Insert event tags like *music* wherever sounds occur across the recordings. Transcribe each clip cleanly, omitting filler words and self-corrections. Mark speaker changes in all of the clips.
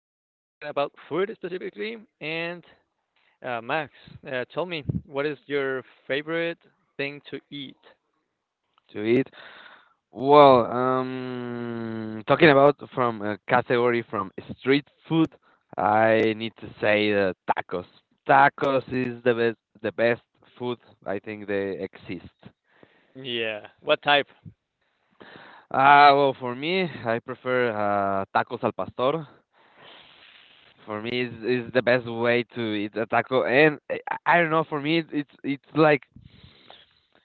Speaker 1: about food specifically, and Max, tell me, what is your favorite thing to eat?
Speaker 2: To eat? Well, talking about from a category from street food, I need to say tacos. Tacos is the best food I think they exist.
Speaker 1: Yeah. What type?
Speaker 2: Ah, well, for me, I prefer tacos al pastor. For me, is the best way to eat a taco, and I don't know. For me, it's it's like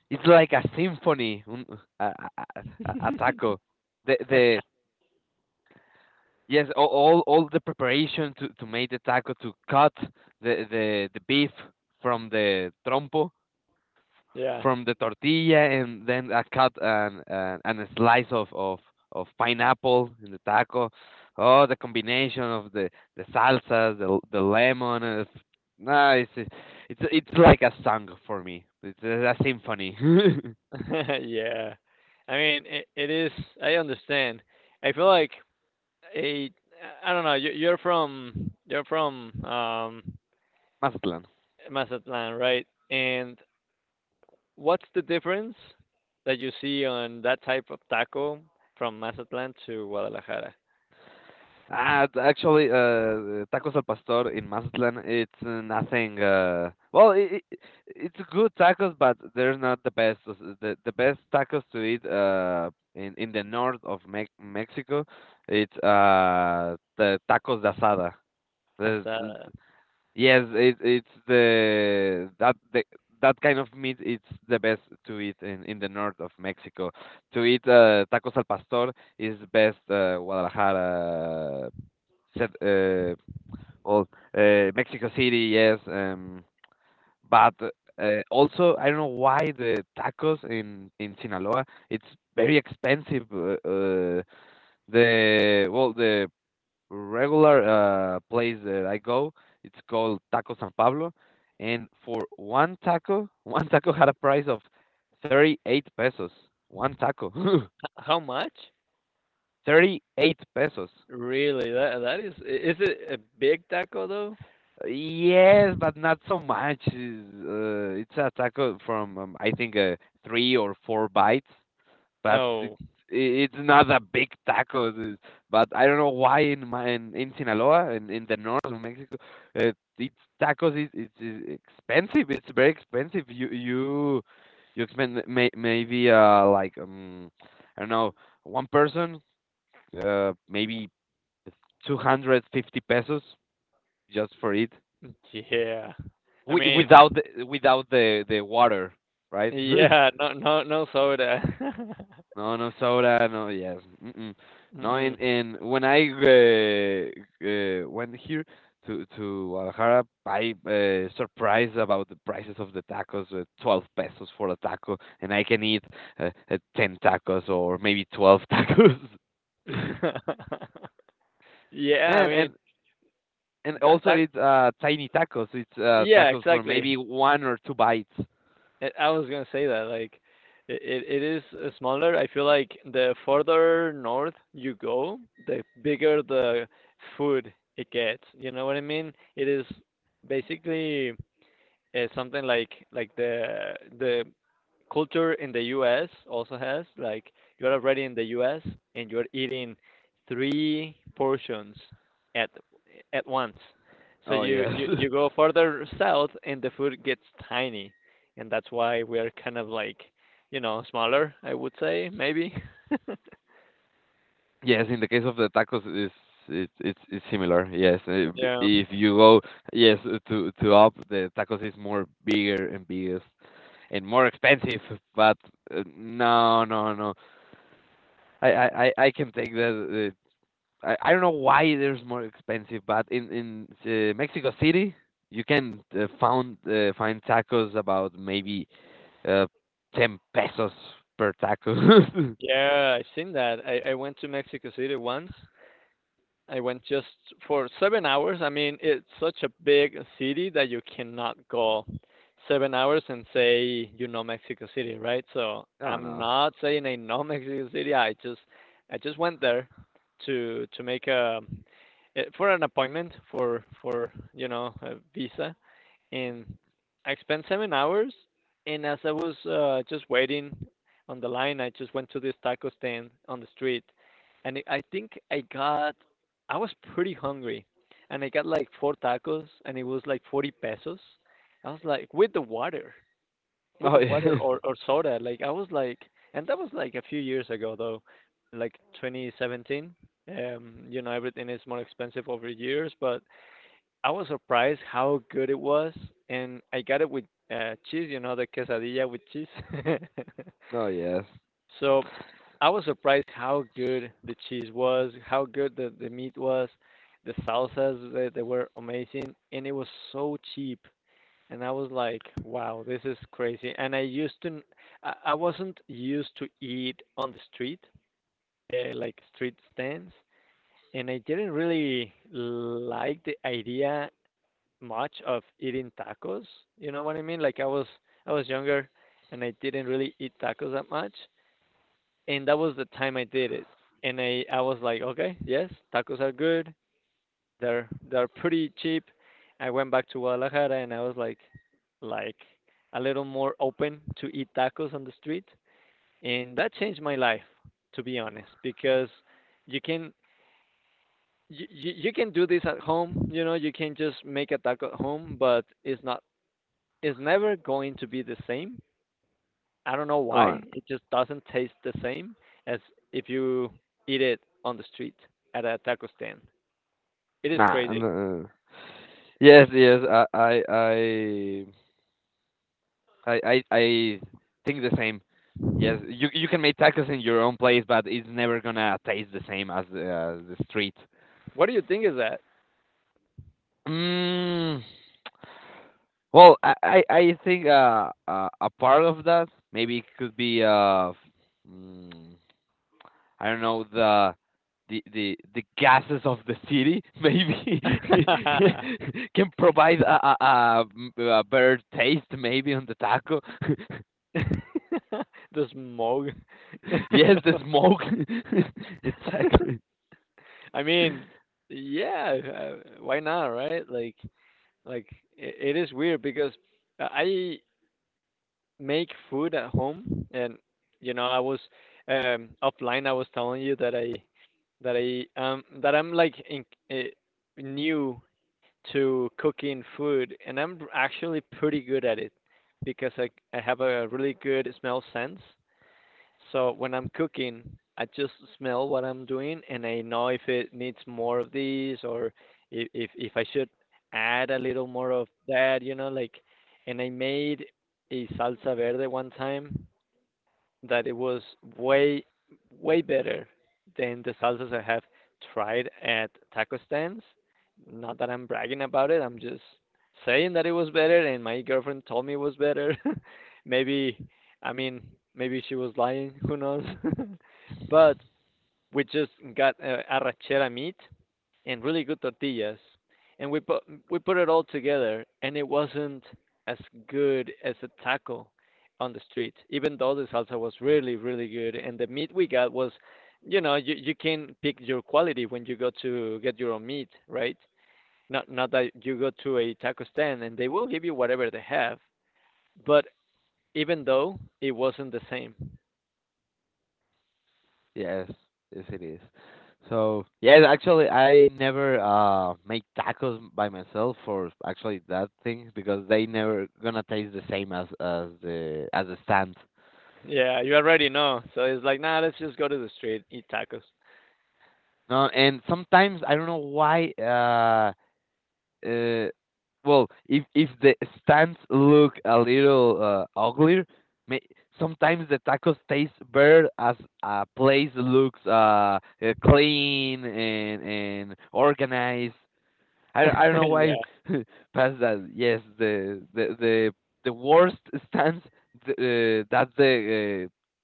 Speaker 2: it's like a symphony, a taco. The Yes, all the preparation to make the taco, to cut the beef from the trompo,
Speaker 1: Yeah.
Speaker 2: from the tortilla, and then I cut and a slice of pineapple in the taco. Oh, the combination of the salsas, the lemon. Nah, it's like a song for me. It's a symphony. *laughs*
Speaker 1: *laughs* Yeah. I mean, it is. I understand. I feel like a. I don't know. You, you're from. You're from
Speaker 2: Mazatlán.
Speaker 1: Mazatlan, right? And what's the difference that you see on that type of taco from Mazatlan to Guadalajara?
Speaker 2: Actually, tacos al pastor in Mazatlan, it's nothing. Well, it's good tacos, but they're not the best. The best tacos to eat in the north of Me Mexico, it's the tacos de asada.
Speaker 1: That's,
Speaker 2: The, the- yes, it's the that kind of meat. It's the best to eat in the north of Mexico. To eat tacos al pastor is best, Guadalajara, said well, Mexico City, yes. But also I don't know why the tacos in Sinaloa it's very expensive. The regular place that I go, it's called Taco San Pablo, and for one taco *laughs* one taco had a price of 38 pesos. One taco.
Speaker 1: h how much?
Speaker 2: *laughs* 38 pesos.
Speaker 1: Really? That is I is it a big taco though?
Speaker 2: Yes, but not so much. Is it's a taco from, I think, three or four bites, but it's
Speaker 1: Oh,
Speaker 2: i- it's not a big taco. But I don't know why in Sinaloa and in the north of Mexico, uh, it's tacos is it's is expensive. It's very expensive. You spend, maybe, like, I don't know, one person, maybe 250 pesos just for it,
Speaker 1: yeah. I
Speaker 2: we
Speaker 1: mean,
Speaker 2: without without the water, right? *laughs* No.
Speaker 1: yeah, *laughs* no no no soda. *laughs*
Speaker 2: No soda. No. Yes. Mm-mm. No.
Speaker 1: Mm.
Speaker 2: And when I went here to Guadalajara, I surprised about the prices of the tacos. 12 pesos for a taco, and I can eat ten tacos or maybe 12 tacos. *laughs*
Speaker 1: *laughs* Yeah, I
Speaker 2: and and
Speaker 1: mean,
Speaker 2: and
Speaker 1: that
Speaker 2: also
Speaker 1: that
Speaker 2: it's tiny tacos. It's
Speaker 1: yeah,
Speaker 2: tacos for
Speaker 1: exactly.
Speaker 2: maybe one or two bites.
Speaker 1: I was gonna say that, like, it is, smaller. I feel like the further north you go, the bigger the food it gets, you know what I mean? It is basically it's something like like the culture in the U.S. also has like you're already in the U.S. and you're eating three portions at at once. So
Speaker 2: Oh
Speaker 1: you, you
Speaker 2: yes.
Speaker 1: you
Speaker 2: *laughs*
Speaker 1: go further south and the food gets tiny, and that's why we're kind of like, you know, smaller. I would say maybe. *laughs*
Speaker 2: Yes, in the case of the tacos, it's similar. Yes.
Speaker 1: Yeah,
Speaker 2: If you go, yes, to up, the tacos is more bigger and biggest and more expensive. But no, no, no. I can take that. I don't know why there's more expensive, but in Mexico City, you can found find tacos about maybe uh, ten pesos per taco. *laughs*
Speaker 1: yeah, I've seen that. I went to Mexico City once. I went just for 7 hours. I mean, it's such a big city that you cannot go 7 hours and say you know Mexico City, right? So
Speaker 2: Oh
Speaker 1: I'm
Speaker 2: no.
Speaker 1: not saying I know *laughs* Mexico City. I just went there to make a eh, for an appointment for, you know, a visa, and I spent 7 hours. And as I was just waiting on the line, I just went to this taco stand on the street, and I think I got, I was pretty hungry, and I got like 4 tacos, and it was like 40 pesos. I was like with
Speaker 2: Oh
Speaker 1: the water
Speaker 2: yes. *laughs*
Speaker 1: or soda. Like I was like, and that was like a few years ago though, like 2017. You know everything is more expensive over years, but I was surprised how good it was, and I got it with cheese. You know, the quesadilla with cheese. *laughs*
Speaker 2: Oh yes.
Speaker 1: So I was surprised how good the cheese was, how good the meat was, the salsas they were amazing, and it was so cheap. And I was like, wow, this is crazy. And I used to, I wasn't used to eat on the street, like street stands, and I didn't really like the idea much of eating tacos. You know what I mean? Like I was younger and I didn't really eat tacos that much, and that was the time I did it. And I was like, okay, yes, tacos are good. They're pretty cheap. I went back to Guadalajara and I was like a little more open to eat tacos on the street, and that changed my life, to be honest, because you can you can do this at home, you know, you can just make a taco at home but it's not, is never going to be the same. I don't know
Speaker 2: Oh.
Speaker 1: why. It just doesn't taste the same as if you eat it on the street at a taco stand. It is
Speaker 2: Nah,
Speaker 1: crazy.
Speaker 2: no. Yes, yes. I think the same. Yes, you can make tacos in your own place, but it's never gonna taste the same as the street.
Speaker 1: What do you think is that?
Speaker 2: Mm, well, I think a part of that maybe it could be, mm, I don't know, the gases of the city maybe
Speaker 1: *laughs*
Speaker 2: *laughs* can provide a better taste maybe on the taco. *laughs*
Speaker 1: The smog.
Speaker 2: Yes, the
Speaker 1: *laughs*
Speaker 2: smoke. *laughs* Exactly.
Speaker 1: I mean, yeah, why not, right? Like, I it is weird because I make food at home and, you know, I was offline I was telling you that I'm like in, uh, new to cooking food and I'm actually pretty good at it because i have a really good smell sense, so when I'm cooking, I just smell what I'm doing and I know if it needs more of these, or if I should add a little more of that, you know, like, and I made a salsa verde one time that it was way way better than the salsas I have tried at taco stands. Not that I'm bragging about it. I'm just saying that it was better, and my girlfriend told me it was better. *laughs* Maybe, I mean, maybe she was lying. Who knows? *laughs* But we just got arrachera meat, and really good tortillas, and we put, we put it all together, and it wasn't as good as a taco on the street. Even though the salsa was really really good, and the meat we got was, you know, you can pick your quality when you go to get your own meat, right? Not that you go to a taco stand and they will give you whatever they have, but even though, it wasn't the same.
Speaker 2: Yes, yes it is. So yes, actually I never make tacos by myself for actually that thing because they never gonna taste the same as the stand.
Speaker 1: Yeah, you already know. So it's like, nah, let's just go to the street, eat tacos.
Speaker 2: No, and sometimes I don't know why. Uh, well, if the stands look a little uglier, may, sometimes the tacos taste better as a place looks clean and organized. I don't
Speaker 1: *laughs*
Speaker 2: know why
Speaker 1: Yeah.
Speaker 2: *laughs* past that. Yes, the worst stands, the, that's the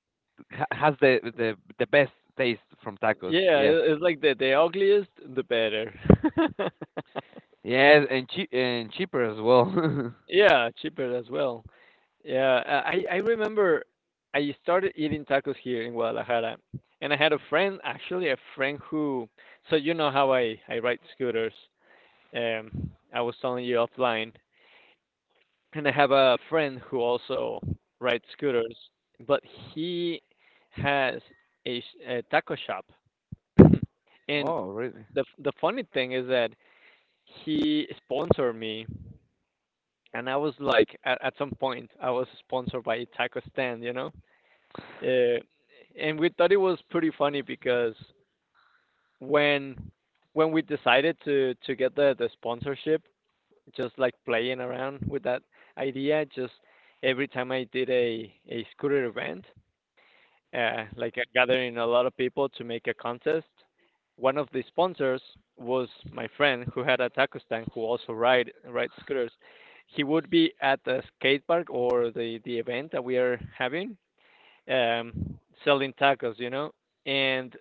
Speaker 2: ha- has the best taste from tacos.
Speaker 1: Yeah,
Speaker 2: Yes.
Speaker 1: I- it's like that. The ugliest, the better. *laughs*
Speaker 2: Yes, and cheap and cheaper as well. *laughs*
Speaker 1: Yeah, cheaper as well. Yeah, I remember I started eating tacos here in Guadalajara, and I had a friend, actually a friend who, so you know how I ride scooters. I was telling you offline, and I have a friend who also rides scooters, but he has a, sh- a taco shop, and
Speaker 2: Oh, really?
Speaker 1: the f- the funny thing is that he sponsored me and I was like, at some point, I was sponsored by a Taco Stand, you know, uh, and we thought it was pretty funny because when when we decided to get the sponsorship, just like playing around with that idea, just every time I did a scooter event, like gathering a lot of people to make a contest. One of the sponsors was my friend who had a taco stand who also ride scooters. He would be at the skate park or the event that we are having, um, selling tacos, you know. And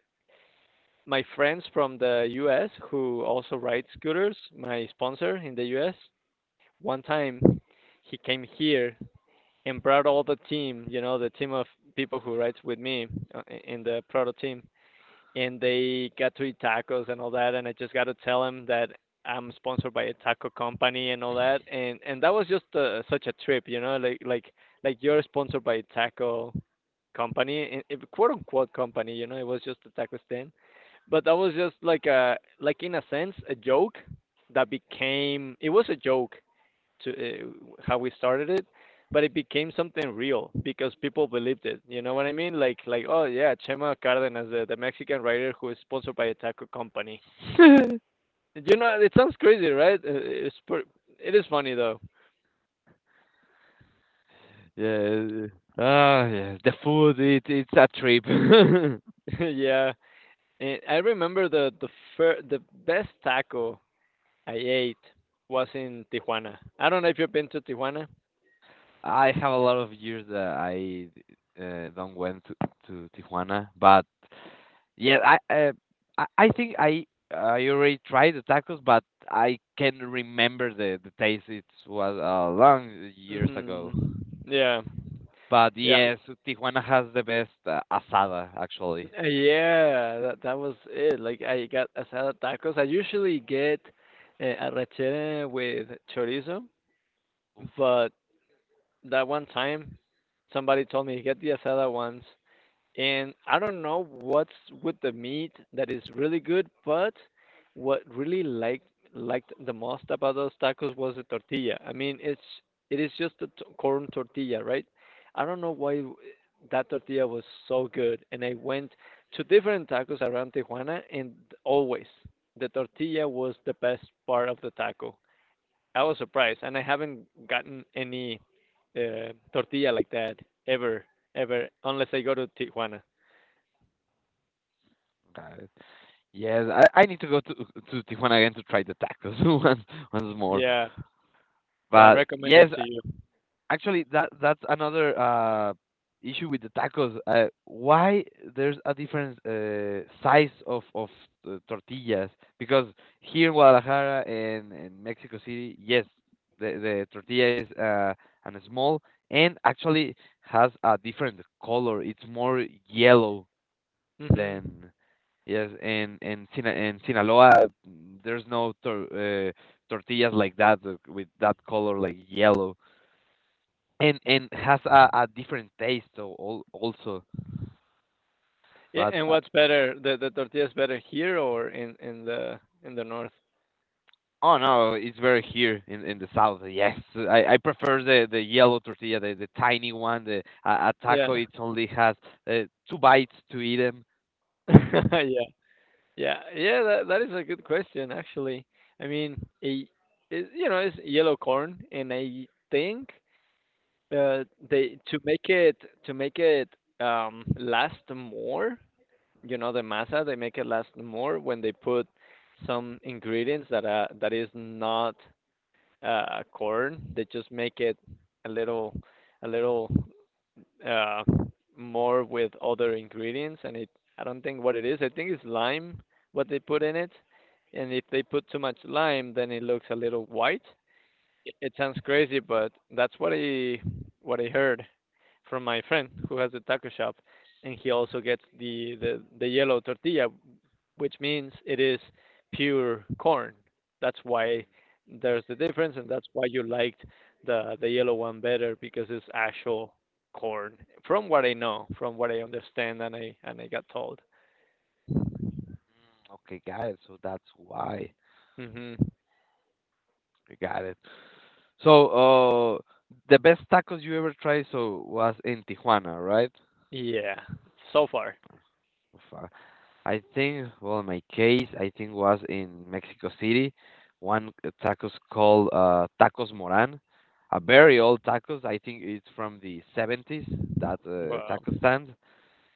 Speaker 1: my friends from the U.S. who also ride scooters, my sponsor in the U.S. One time, he came here and brought all the team, you know, the team of people who rides with me in the proto team, and they got to eat tacos and all that, and I just got to tell them that I'm sponsored by a taco company and all that, and that was just such a trip, you know, like like you're sponsored by a taco company and eh, quote unquote company, you know, it was just a taco stand, but that was just like a like in a sense a joke that became, it was a joke to how we started it, but it became something real because people believed it. You know what I mean? Like oh yeah, Chema Cardenas, the Mexican writer who is sponsored by a taco company.
Speaker 2: *laughs*
Speaker 1: You know, it sounds crazy, right? It's per- it is funny though.
Speaker 2: Yeah. Ah, yeah. The food, it's a trip. *laughs*
Speaker 1: *laughs* Yeah, and I remember the fir- the best taco I ate was in Tijuana. I don't know if you've been to Tijuana.
Speaker 2: I have a lot of years that I don't went to Tijuana, but yeah, I think I already tried the tacos, but I can remember the taste. It was long years
Speaker 1: Hmm.
Speaker 2: ago.
Speaker 1: Yeah,
Speaker 2: But
Speaker 1: yeah.
Speaker 2: yes, Tijuana has the best asada actually.
Speaker 1: Yeah, that that was it. Like I got asada tacos. I usually get arrachera with chorizo,
Speaker 2: Oof.
Speaker 1: but that one time somebody told me get the asada ones, and I don't know what's with the meat that is really good, but what really liked, liked the most about those tacos was the tortilla. I mean, it's it is just a t- corn tortilla, right? I don't know why w- that tortilla was so good. And I went to different tacos around Tijuana, and always the tortilla was the best part of the taco. I was surprised, and I haven't gotten any tortilla like that ever, ever, unless I go to Tijuana.
Speaker 2: Got it. Yes, I need to go to Tijuana again to try the tacos *laughs* once more.
Speaker 1: Yeah. Yeah, I
Speaker 2: But
Speaker 1: recommend it
Speaker 2: yes,
Speaker 1: to you.
Speaker 2: actually, that's another issue with the tacos. Why there's a different size of tortillas? Because here in Guadalajara and in Mexico City, yes, the tortilla is and small, and actually has a different color. It's more yellow
Speaker 1: Mhm.
Speaker 2: than, yes, and Sina in Sinaloa, there's no tortillas like that with that color like yellow, and has a different taste, so also.
Speaker 1: Yeah,
Speaker 2: But
Speaker 1: and what's better, the tortilla is better here or in in the north?
Speaker 2: oh no, it's very here in the south, yes. I prefer the yellow tortilla, the tiny one, the a taco
Speaker 1: Yeah.
Speaker 2: it only has uh, two bites to eat them.
Speaker 1: *laughs* Yeah. Yeah. Yeah, that that is a good question actually. I mean, a it, you know, it's yellow corn, and I think they to make it, to make it, last more, you know, the masa, they make it last more when they put some ingredients that that is not corn. They just make it a little a little uh, more with other ingredients, and it, I don't think what it is. I think it's lime what they put in it, and if they put too much lime, then it looks a little white. It sounds crazy, but that's what I, what I heard from my friend who has a taco shop, and he also gets the the yellow tortilla, which means it is pure corn. That's why there's the difference, and that's why you liked the yellow one better because it's actual corn. From what I know, from what I understand, and I got told.
Speaker 2: Okay, got it, so that's why.
Speaker 1: Mhm.
Speaker 2: I got it. So the best tacos you ever tried, so, was in Tijuana, right?
Speaker 1: Yeah. So far.
Speaker 2: I think, well, in my case, I think was in Mexico City, one tacos called Tacos Moran, a very old tacos. I think it's from the 70s, that
Speaker 1: Wow.
Speaker 2: taco stand,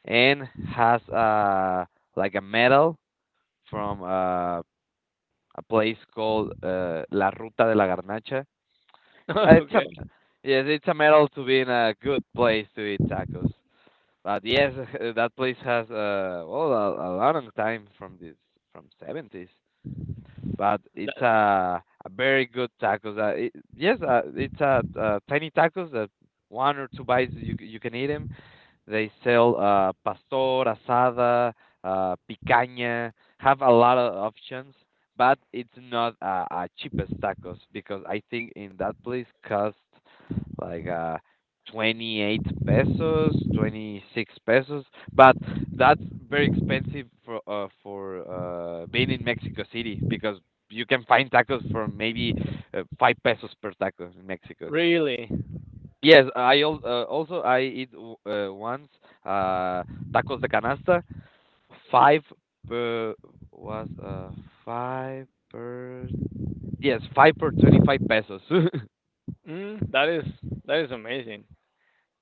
Speaker 2: and has, like a medal from, a place called, La Ruta de la Garnacha. It's a,
Speaker 1: *laughs* Okay.
Speaker 2: yes, it's a medal to be in a good place to eat tacos. But yes, *laughs* that place has a long time from this, from 70s, but it's
Speaker 1: That,
Speaker 2: a very good tacos. Yes, it's tiny tacos that one or two bites you can eat 'em. They sell pastor, asada, picaña, have a lot of options, but it's not cheapest tacos because I think in that place cost like, 28 pesos, 26 pesos, but that's very expensive for, being in Mexico City because you can find tacos for maybe five pesos per taco in Mexico.
Speaker 1: really.
Speaker 2: Yes, also I eat once uh, tacos de canasta, five per was uh five per yes five per 25 pesos. *laughs*
Speaker 1: Mm, that is that is amazing.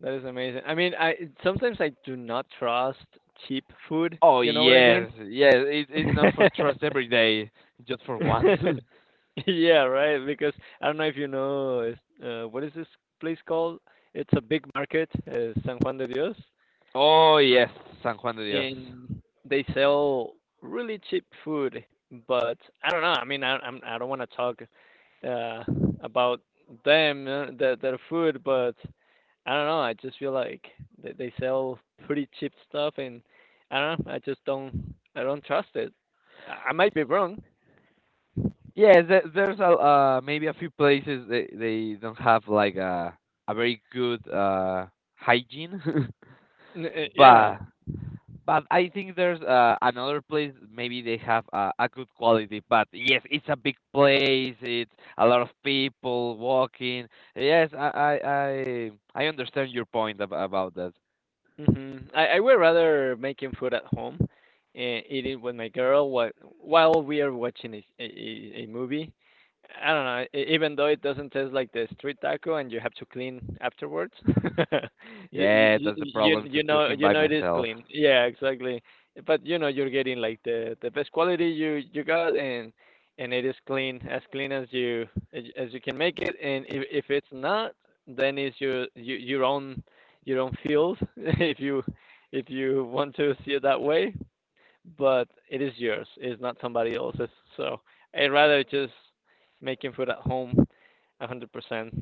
Speaker 1: That is amazing. I mean, I sometimes I do not trust cheap food.
Speaker 2: Oh
Speaker 1: You know what I mean?
Speaker 2: yes, yes, it's
Speaker 1: *laughs*
Speaker 2: not for trust every day, just for once.
Speaker 1: *laughs* Yeah, right. Because I don't know if you know, what is this place called? It's a big market, San Juan de Dios,
Speaker 2: *laughs* Oh yes, San Juan de Dios.
Speaker 1: and they sell really cheap food. But I don't know. I mean, I don't want to talk uh, about them, their food, but I don't know. I just feel like they sell pretty cheap stuff, and I don't know. I just don't. I don't trust it. I might be wrong.
Speaker 2: Yeah, there's a, maybe a few places they don't have like a very good hygiene. *laughs*
Speaker 1: Yeah.
Speaker 2: but But I think there's another place. Maybe they have a good quality. But yes, it's a big place. It's a lot of people walking. Yes, I understand your point about that.
Speaker 1: Mhm. I would rather making food at home and eat it with my girl while we are watching a movie. I don't know. Even though it doesn't taste like the street taco and you have to clean afterwards, *laughs* you,
Speaker 2: Yeah,
Speaker 1: you
Speaker 2: that's the
Speaker 1: you
Speaker 2: problem to
Speaker 1: you know
Speaker 2: cooking
Speaker 1: you
Speaker 2: by
Speaker 1: know it is
Speaker 2: myself.
Speaker 1: clean. Yeah, exactly. But you know you're getting like the best quality you got, and it is clean as you can make it. And if it's not, then it's your own field, *laughs* if you want to see it that way. But it is yours. It's not somebody else's. So I'd rather just making food at home, 100%.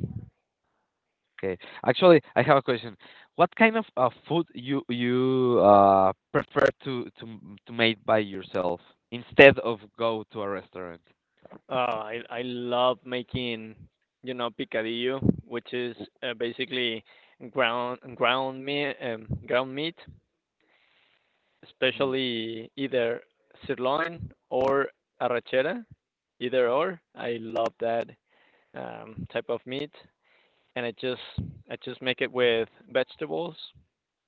Speaker 2: Okay, actually, I have a question. What kind of food you prefer to make by yourself instead of go to a restaurant?
Speaker 1: I love making, you know, picadillo, which is
Speaker 2: W-
Speaker 1: basically ground ground meat,
Speaker 2: Hmm.
Speaker 1: especially either sirloin or arrachera, either or. I love that type of meat. And I just make it with vegetables,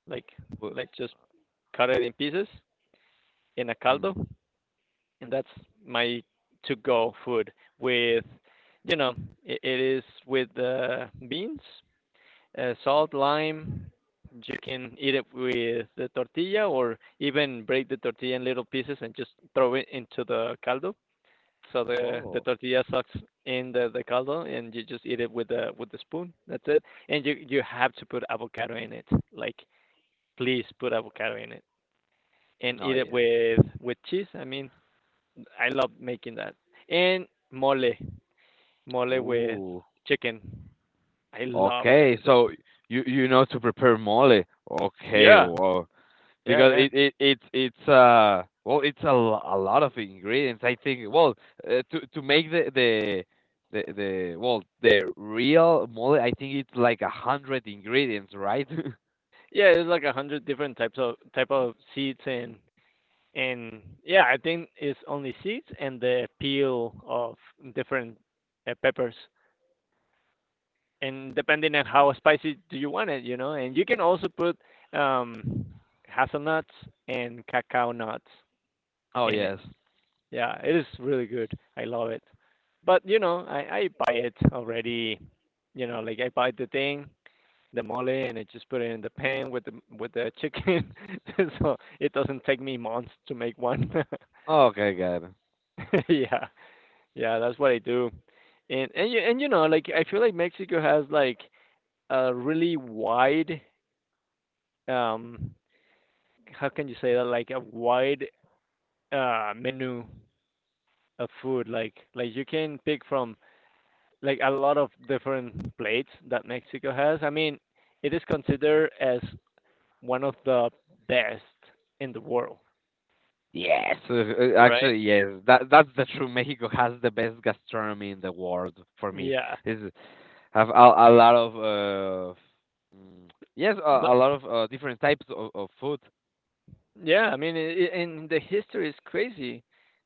Speaker 1: like
Speaker 2: w-
Speaker 1: just cut it in pieces in a
Speaker 2: Hmm.
Speaker 1: caldo, and that's my to-go food. With, you know, it is with beans, salt, lime. You can eat it with the tortilla, or even break the tortilla in little pieces and just throw it into the caldo. So the the
Speaker 2: Oh.
Speaker 1: tortilla sucks in the caldo, and you just eat it with the spoon. That's it. And you have to put avocado in it. Like, please put avocado in it and
Speaker 2: No.
Speaker 1: eat it with cheese. I mean, I love making that. And mole, mole with
Speaker 2: Ooh.
Speaker 1: chicken. I love that
Speaker 2: Okay.
Speaker 1: too.
Speaker 2: So you know to prepare mole. Okay.
Speaker 1: Yeah,
Speaker 2: Wow.
Speaker 1: yeah,
Speaker 2: Because
Speaker 1: yeah,
Speaker 2: it it's well it's a lot of ingredients. I think, well, to make the real mole, I think it's like a hundred ingredients, right? *laughs*
Speaker 1: yeah. It's like a hundred different types of type of seeds, and I think it's only seeds and the peel of different peppers. And depending on how spicy do you want it, you know. And you can also put um, hazelnuts and cacao nuts
Speaker 2: Oh
Speaker 1: in it.
Speaker 2: yes.
Speaker 1: Yeah, it is really good. I love it. But you know, I buy it already. You know, like I buy the thing, the mole, and I just put it in the pan with the chicken, *laughs* so it doesn't take me months to make one.
Speaker 2: Okay, got it.
Speaker 1: *laughs* Yeah, yeah, that's what I do. And and you know, like I feel like Mexico has like a really wide, um how can you say that, like a wide menu of food, like you can pick from like a lot of different plates that Mexico has. I mean, it is considered as one of the best in the world,
Speaker 2: Yes,
Speaker 1: right?
Speaker 2: actually, yes. That's the true. *laughs* Mexico has the best gastronomy in the world for me.
Speaker 1: Yeah.
Speaker 2: Is have a lot of, mm, yes, a lot of different types of food.
Speaker 1: Yeah, I mean, I and the history is crazy.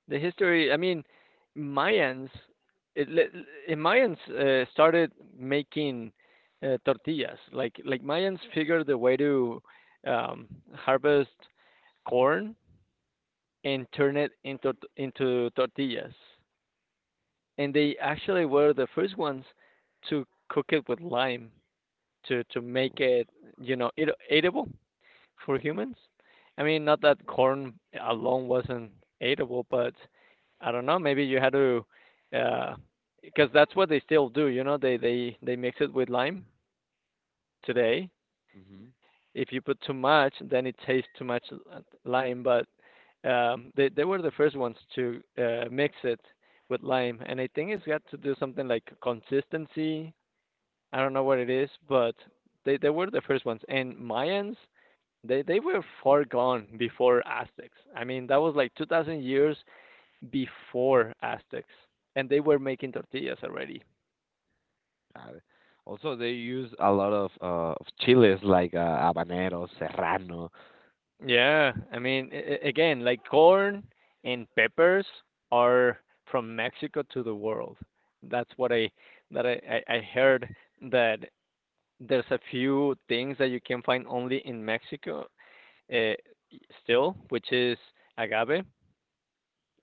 Speaker 1: The history, I mean, Mayans, it, le- Mayans started making tortillas. Like, Mayans figured the way to um, harvest corn and turn it into into tortillas. And they actually were the first ones to cook it with lime to make it, you know, eatable for humans. I mean, not that corn alone wasn't eatable, but I don't know. Maybe you had to, uh, because that's what they still do. You know, they mix it with lime today.
Speaker 2: Hmm.
Speaker 1: If you put too much, then it tastes too much lime. But they were the first ones to mix it with lime, and I think it's got to do something like consistency. I don't know what it is, but they were the first ones. And Mayans, they were far gone before Aztecs. I mean, that was like 2000 years before Aztecs, and they were making tortillas already.
Speaker 2: Also, they use a lot of chiles like habanero, serrano,
Speaker 1: Yeah, I mean, again, like corn and peppers are from Mexico to the world. That's what I that I, I heard that there's a few things that you can find only in Mexico uh, still, which is agave.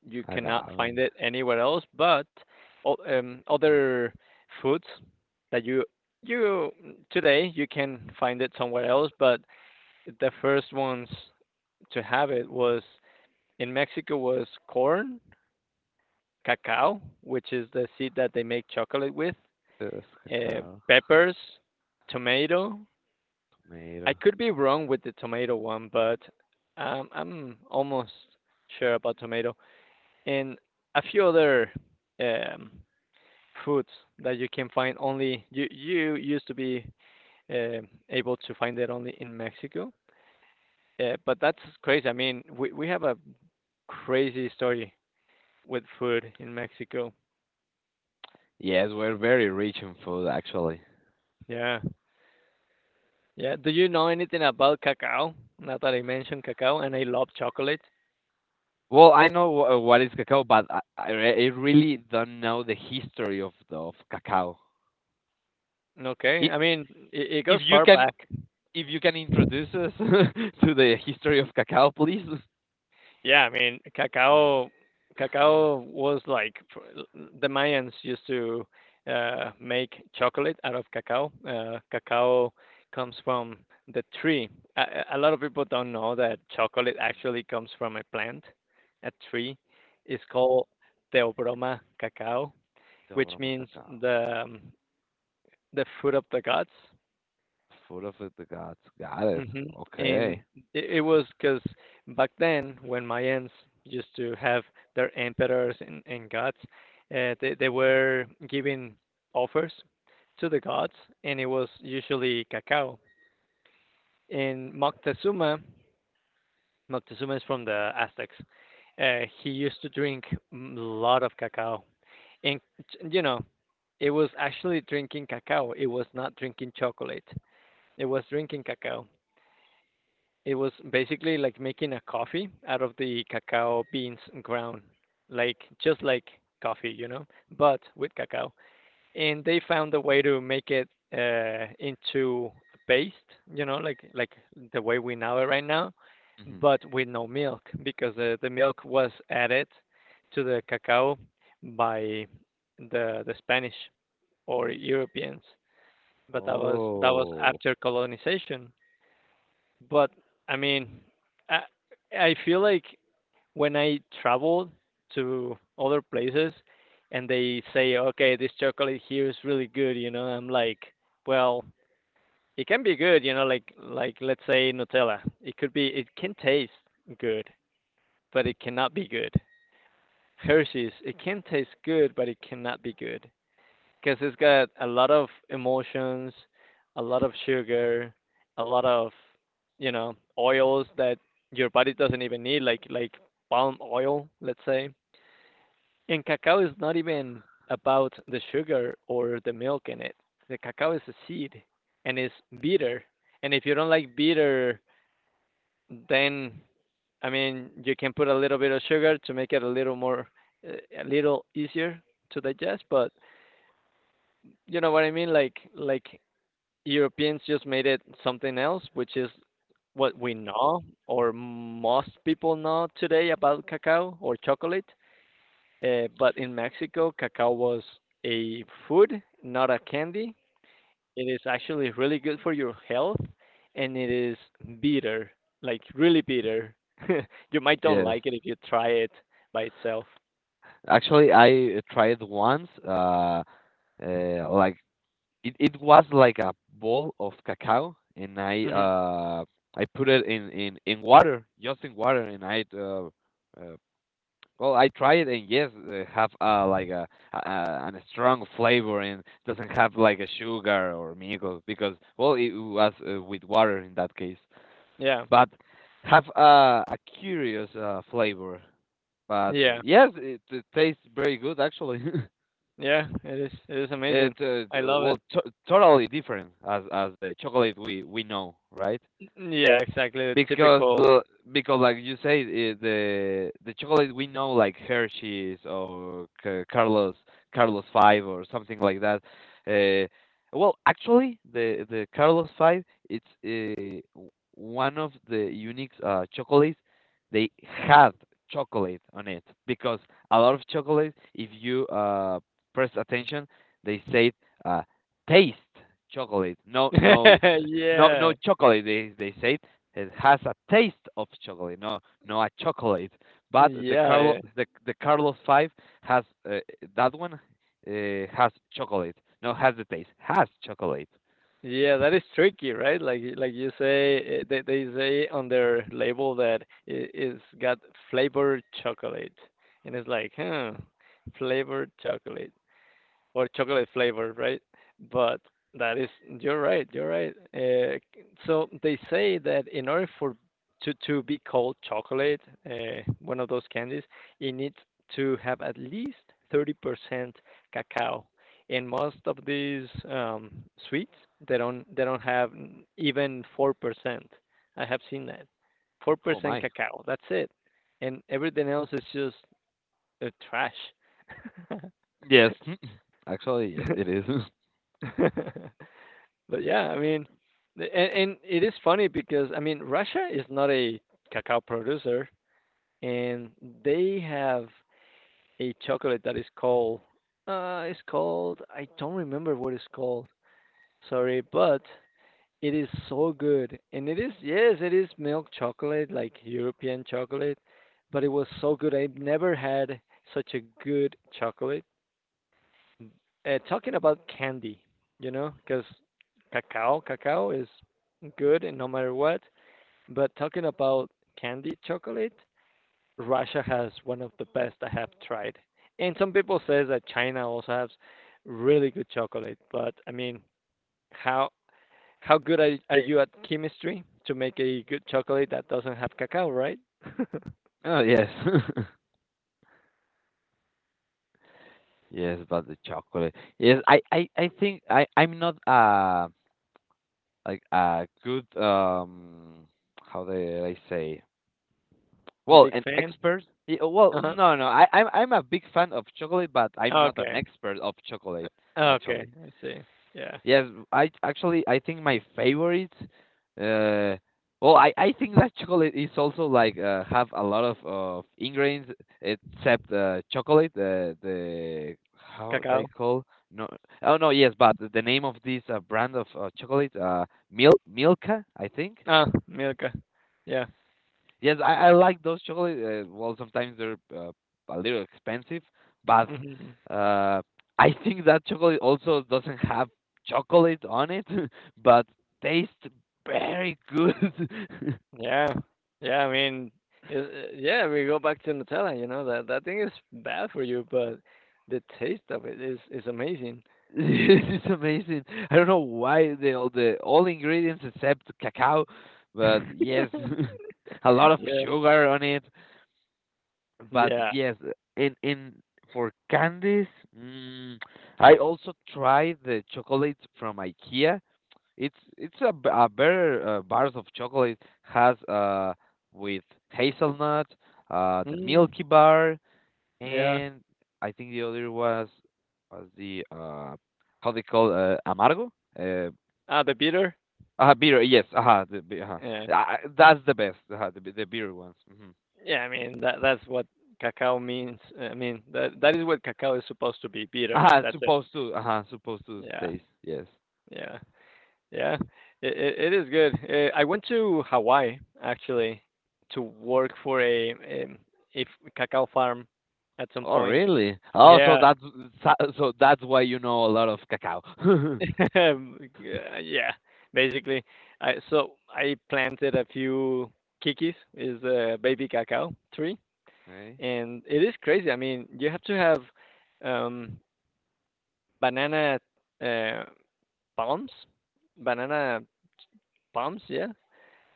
Speaker 1: You cannot find
Speaker 2: agave,
Speaker 1: it anywhere else. But other foods that you today you can find it somewhere else. But the first ones to have it was in Mexico was corn, cacao, which is the seed that they make chocolate with,
Speaker 2: yes,
Speaker 1: uh,
Speaker 2: cacao,
Speaker 1: peppers, tomato. I
Speaker 2: tomato.
Speaker 1: could be wrong with the tomato one, but I'm almost sure about tomato and a few other um, foods that you can find only you used to be uh, able to find that only in Mexico. But that's crazy. I mean, we have a crazy story with food in Mexico.
Speaker 2: Yes, we're very rich in food, actually.
Speaker 1: Yeah. Yeah. Do you know anything about cacao? Now that I mentioned cacao, and I love chocolate.
Speaker 2: Well, I know what is cacao, but I really don't know the history of of cacao.
Speaker 1: Okay.
Speaker 2: I-
Speaker 1: I mean, it
Speaker 2: If
Speaker 1: goes
Speaker 2: you
Speaker 1: far
Speaker 2: can,
Speaker 1: back.
Speaker 2: if you can introduce us *laughs* to the history of cacao, please.
Speaker 1: Yeah, I mean, cacao was like the Mayans used to make chocolate out of cacao. Cacao comes from the tree. A, a lot of people don't know that chocolate actually comes from a plant, a tree. It's called Theobroma cacao, which
Speaker 2: Dobra
Speaker 1: means
Speaker 2: Macacao.
Speaker 1: the um, the fruit of the gods.
Speaker 2: Food of the gods. Got it.
Speaker 1: Mhm. And
Speaker 2: Okay.
Speaker 1: it was because back then, when Mayans used to have their emperors and gods, they were giving offers to the gods, and it was usually cacao. And Moctezuma, Moctezuma is from the Aztecs. He used to drink a lot of cacao, and you know, it was actually drinking cacao. It was not drinking chocolate. It was drinking cacao. It was basically like making a coffee out of the cacao beans ground, like just like coffee, you know, but with cacao. And they found a way to make it into paste, you know, like the way we know it right now,
Speaker 2: Hmm.
Speaker 1: but with no milk because the milk was added to the cacao by the Spanish or Europeans. But that was
Speaker 2: Oh.
Speaker 1: after colonization. But I mean, I, I feel like when I travel to other places and they say, okay, this chocolate here is really good, you know, I'm like, well, it can be good, you know, like let's say Nutella. It could be, it can taste good, but it cannot be good. Hershey's, it can taste good, but it cannot be good because it's got a lot of emotions, a lot of sugar, a lot of, you know, oils that your body doesn't even need, like palm oil, let's say. And cacao is not even about the sugar or the milk in it. The cacao is a seed, and it's bitter. And if you don't like bitter, then I mean you can put a little bit of sugar to make it a little more, a little easier to digest. But you know what I mean? Like Europeans just made it something else, which is what we know or most people know today about cacao or chocolate. But in Mexico, cacao was a food, not a candy. It is actually really good for your health, and it is bitter, like really bitter. *laughs* You might don't
Speaker 2: Yes.
Speaker 1: like it if you try it by itself.
Speaker 2: Actually, I tried once. Like, it was like a ball of cacao, and
Speaker 1: Hmm.
Speaker 2: I put it in water, just in water, and uh I tried, and yes, have like, a an strong flavor and doesn't have like a sugar or milk because well it was, with water in that case.
Speaker 1: Yeah,
Speaker 2: But have a curious flavor. But
Speaker 1: yeah,
Speaker 2: yes, it tastes very good actually.
Speaker 1: yeah. It is. It is
Speaker 2: *laughs* it
Speaker 1: amazing.
Speaker 2: uh,
Speaker 1: I love
Speaker 2: well,
Speaker 1: it.
Speaker 2: totally different as the chocolate we know, right?
Speaker 1: Yeah, exactly. The
Speaker 2: because
Speaker 1: typical.
Speaker 2: well, because like you say the chocolate we know, like Hershey's or Carlos Five or something like that. Uh, well, actually, the Carlos Five, it's one of the unique chocolates. They have chocolate on it because a lot of chocolate, if you press attention, they say uh, taste chocolate. No, no,
Speaker 1: *laughs*
Speaker 2: no, no
Speaker 1: Yeah.
Speaker 2: chocolate. They say it has a taste of chocolate, no, no a chocolate. But the
Speaker 1: Yeah,
Speaker 2: Carlo,
Speaker 1: yeah.
Speaker 2: the the Carlos Five has uh, that one has chocolate. No, has the taste, has chocolate.
Speaker 1: Yeah, that is tricky, right? Like y like you say, eh, they say on their label that I it's got flavored chocolate, and it's like, "Huh, flavored chocolate." Or chocolate flavor, right? But that is, you're right, you're right. So they say that in order for to be called chocolate, one of those candies, it needs to have at least 30% cacao. And most of these sweets, they don't have even 4%. I have seen that.
Speaker 2: Oh
Speaker 1: 4%
Speaker 2: my.
Speaker 1: cacao. That's it. And everything else is just trash.
Speaker 2: Yes, *laughs* actually, yes, it is.
Speaker 1: *laughs* *laughs* But yeah, I mean, and it is funny because I mean, Russia is not a cacao producer, and they have a chocolate that is called, it's called, I don't remember what it's called. Sorry, but it is so good, and it is, yes, it is milk chocolate like European chocolate, but it was so good. I've never had such a good chocolate. Mm. Talking about candy, you know, because cacao is good and no matter what. But talking about candy chocolate, Russia has one of the best I have tried. And some people say that China also has really good chocolate, but I mean, how how good are you at chemistry to make a good chocolate that doesn't have cacao, right?
Speaker 2: *laughs* Oh yes, *laughs* yes, but the chocolate. Yes, I think I'm not a like a good how do I say.
Speaker 1: A
Speaker 2: Well,
Speaker 1: big
Speaker 2: an
Speaker 1: fan?
Speaker 2: expert? Well,
Speaker 1: Uh-huh.
Speaker 2: no, no. I'm a big fan of chocolate, but I'm not an
Speaker 1: Okay.
Speaker 2: expert of chocolate,
Speaker 1: Okay,
Speaker 2: actually.
Speaker 1: I see. Yeah.
Speaker 2: Yes, I actually I think my favorite. Uh, well, I think that chocolate is also like have a lot of ingredients except chocolate. The how they
Speaker 1: Cacao.
Speaker 2: call. No, oh no, yes, but the name of this brand of chocolate, Milka, I think.
Speaker 1: Ah, milk. Yeah.
Speaker 2: Yes, I like those chocolate. Well, sometimes they're a little expensive, but
Speaker 1: Mhm.
Speaker 2: uh, I think that chocolate also doesn't have chocolate on it, *laughs* but tastes very good. *laughs*
Speaker 1: Yeah. Yeah, I mean, we go back to Nutella, that thing is bad for you, but the taste of it is amazing.
Speaker 2: *laughs* It's amazing. I don't know why the all ingredients except cacao, but yes,
Speaker 1: *laughs*
Speaker 2: *laughs* a lot of
Speaker 1: Yeah.
Speaker 2: sugar on it. But
Speaker 1: Yeah.
Speaker 2: yes, in for candies, mm, I also tried the chocolates from IKEA. It's a, a better bars of chocolate, has with hazelnut, the
Speaker 1: Mm,
Speaker 2: Milky Bar,
Speaker 1: yeah.
Speaker 2: and I think the other was the how they call, amargo, uh,
Speaker 1: Ah, the bitter?
Speaker 2: beer, yes, uh-huh.
Speaker 1: Yeah.
Speaker 2: That's the best, the beer ones. Hmm.
Speaker 1: Yeah, I mean, that that's what cacao means. I mean, that that is what cacao is supposed to be, bitter.
Speaker 2: uh
Speaker 1: That's it.
Speaker 2: supposed to uh supposed to
Speaker 1: Yeah.
Speaker 2: taste, yes.
Speaker 1: Yeah. Yeah, it is good. I went to Hawaii actually to work for a cacao farm at some
Speaker 2: Oh,
Speaker 1: point.
Speaker 2: really? Oh,
Speaker 1: Yeah,
Speaker 2: so so that's why you know a lot of cacao. *laughs*
Speaker 1: *laughs* yeah, basically. I so I planted a few kikis, is a baby cacao tree,
Speaker 2: Okay.
Speaker 1: and it is crazy. I mean, you have to have um banana uh palms, banana palms, yeah.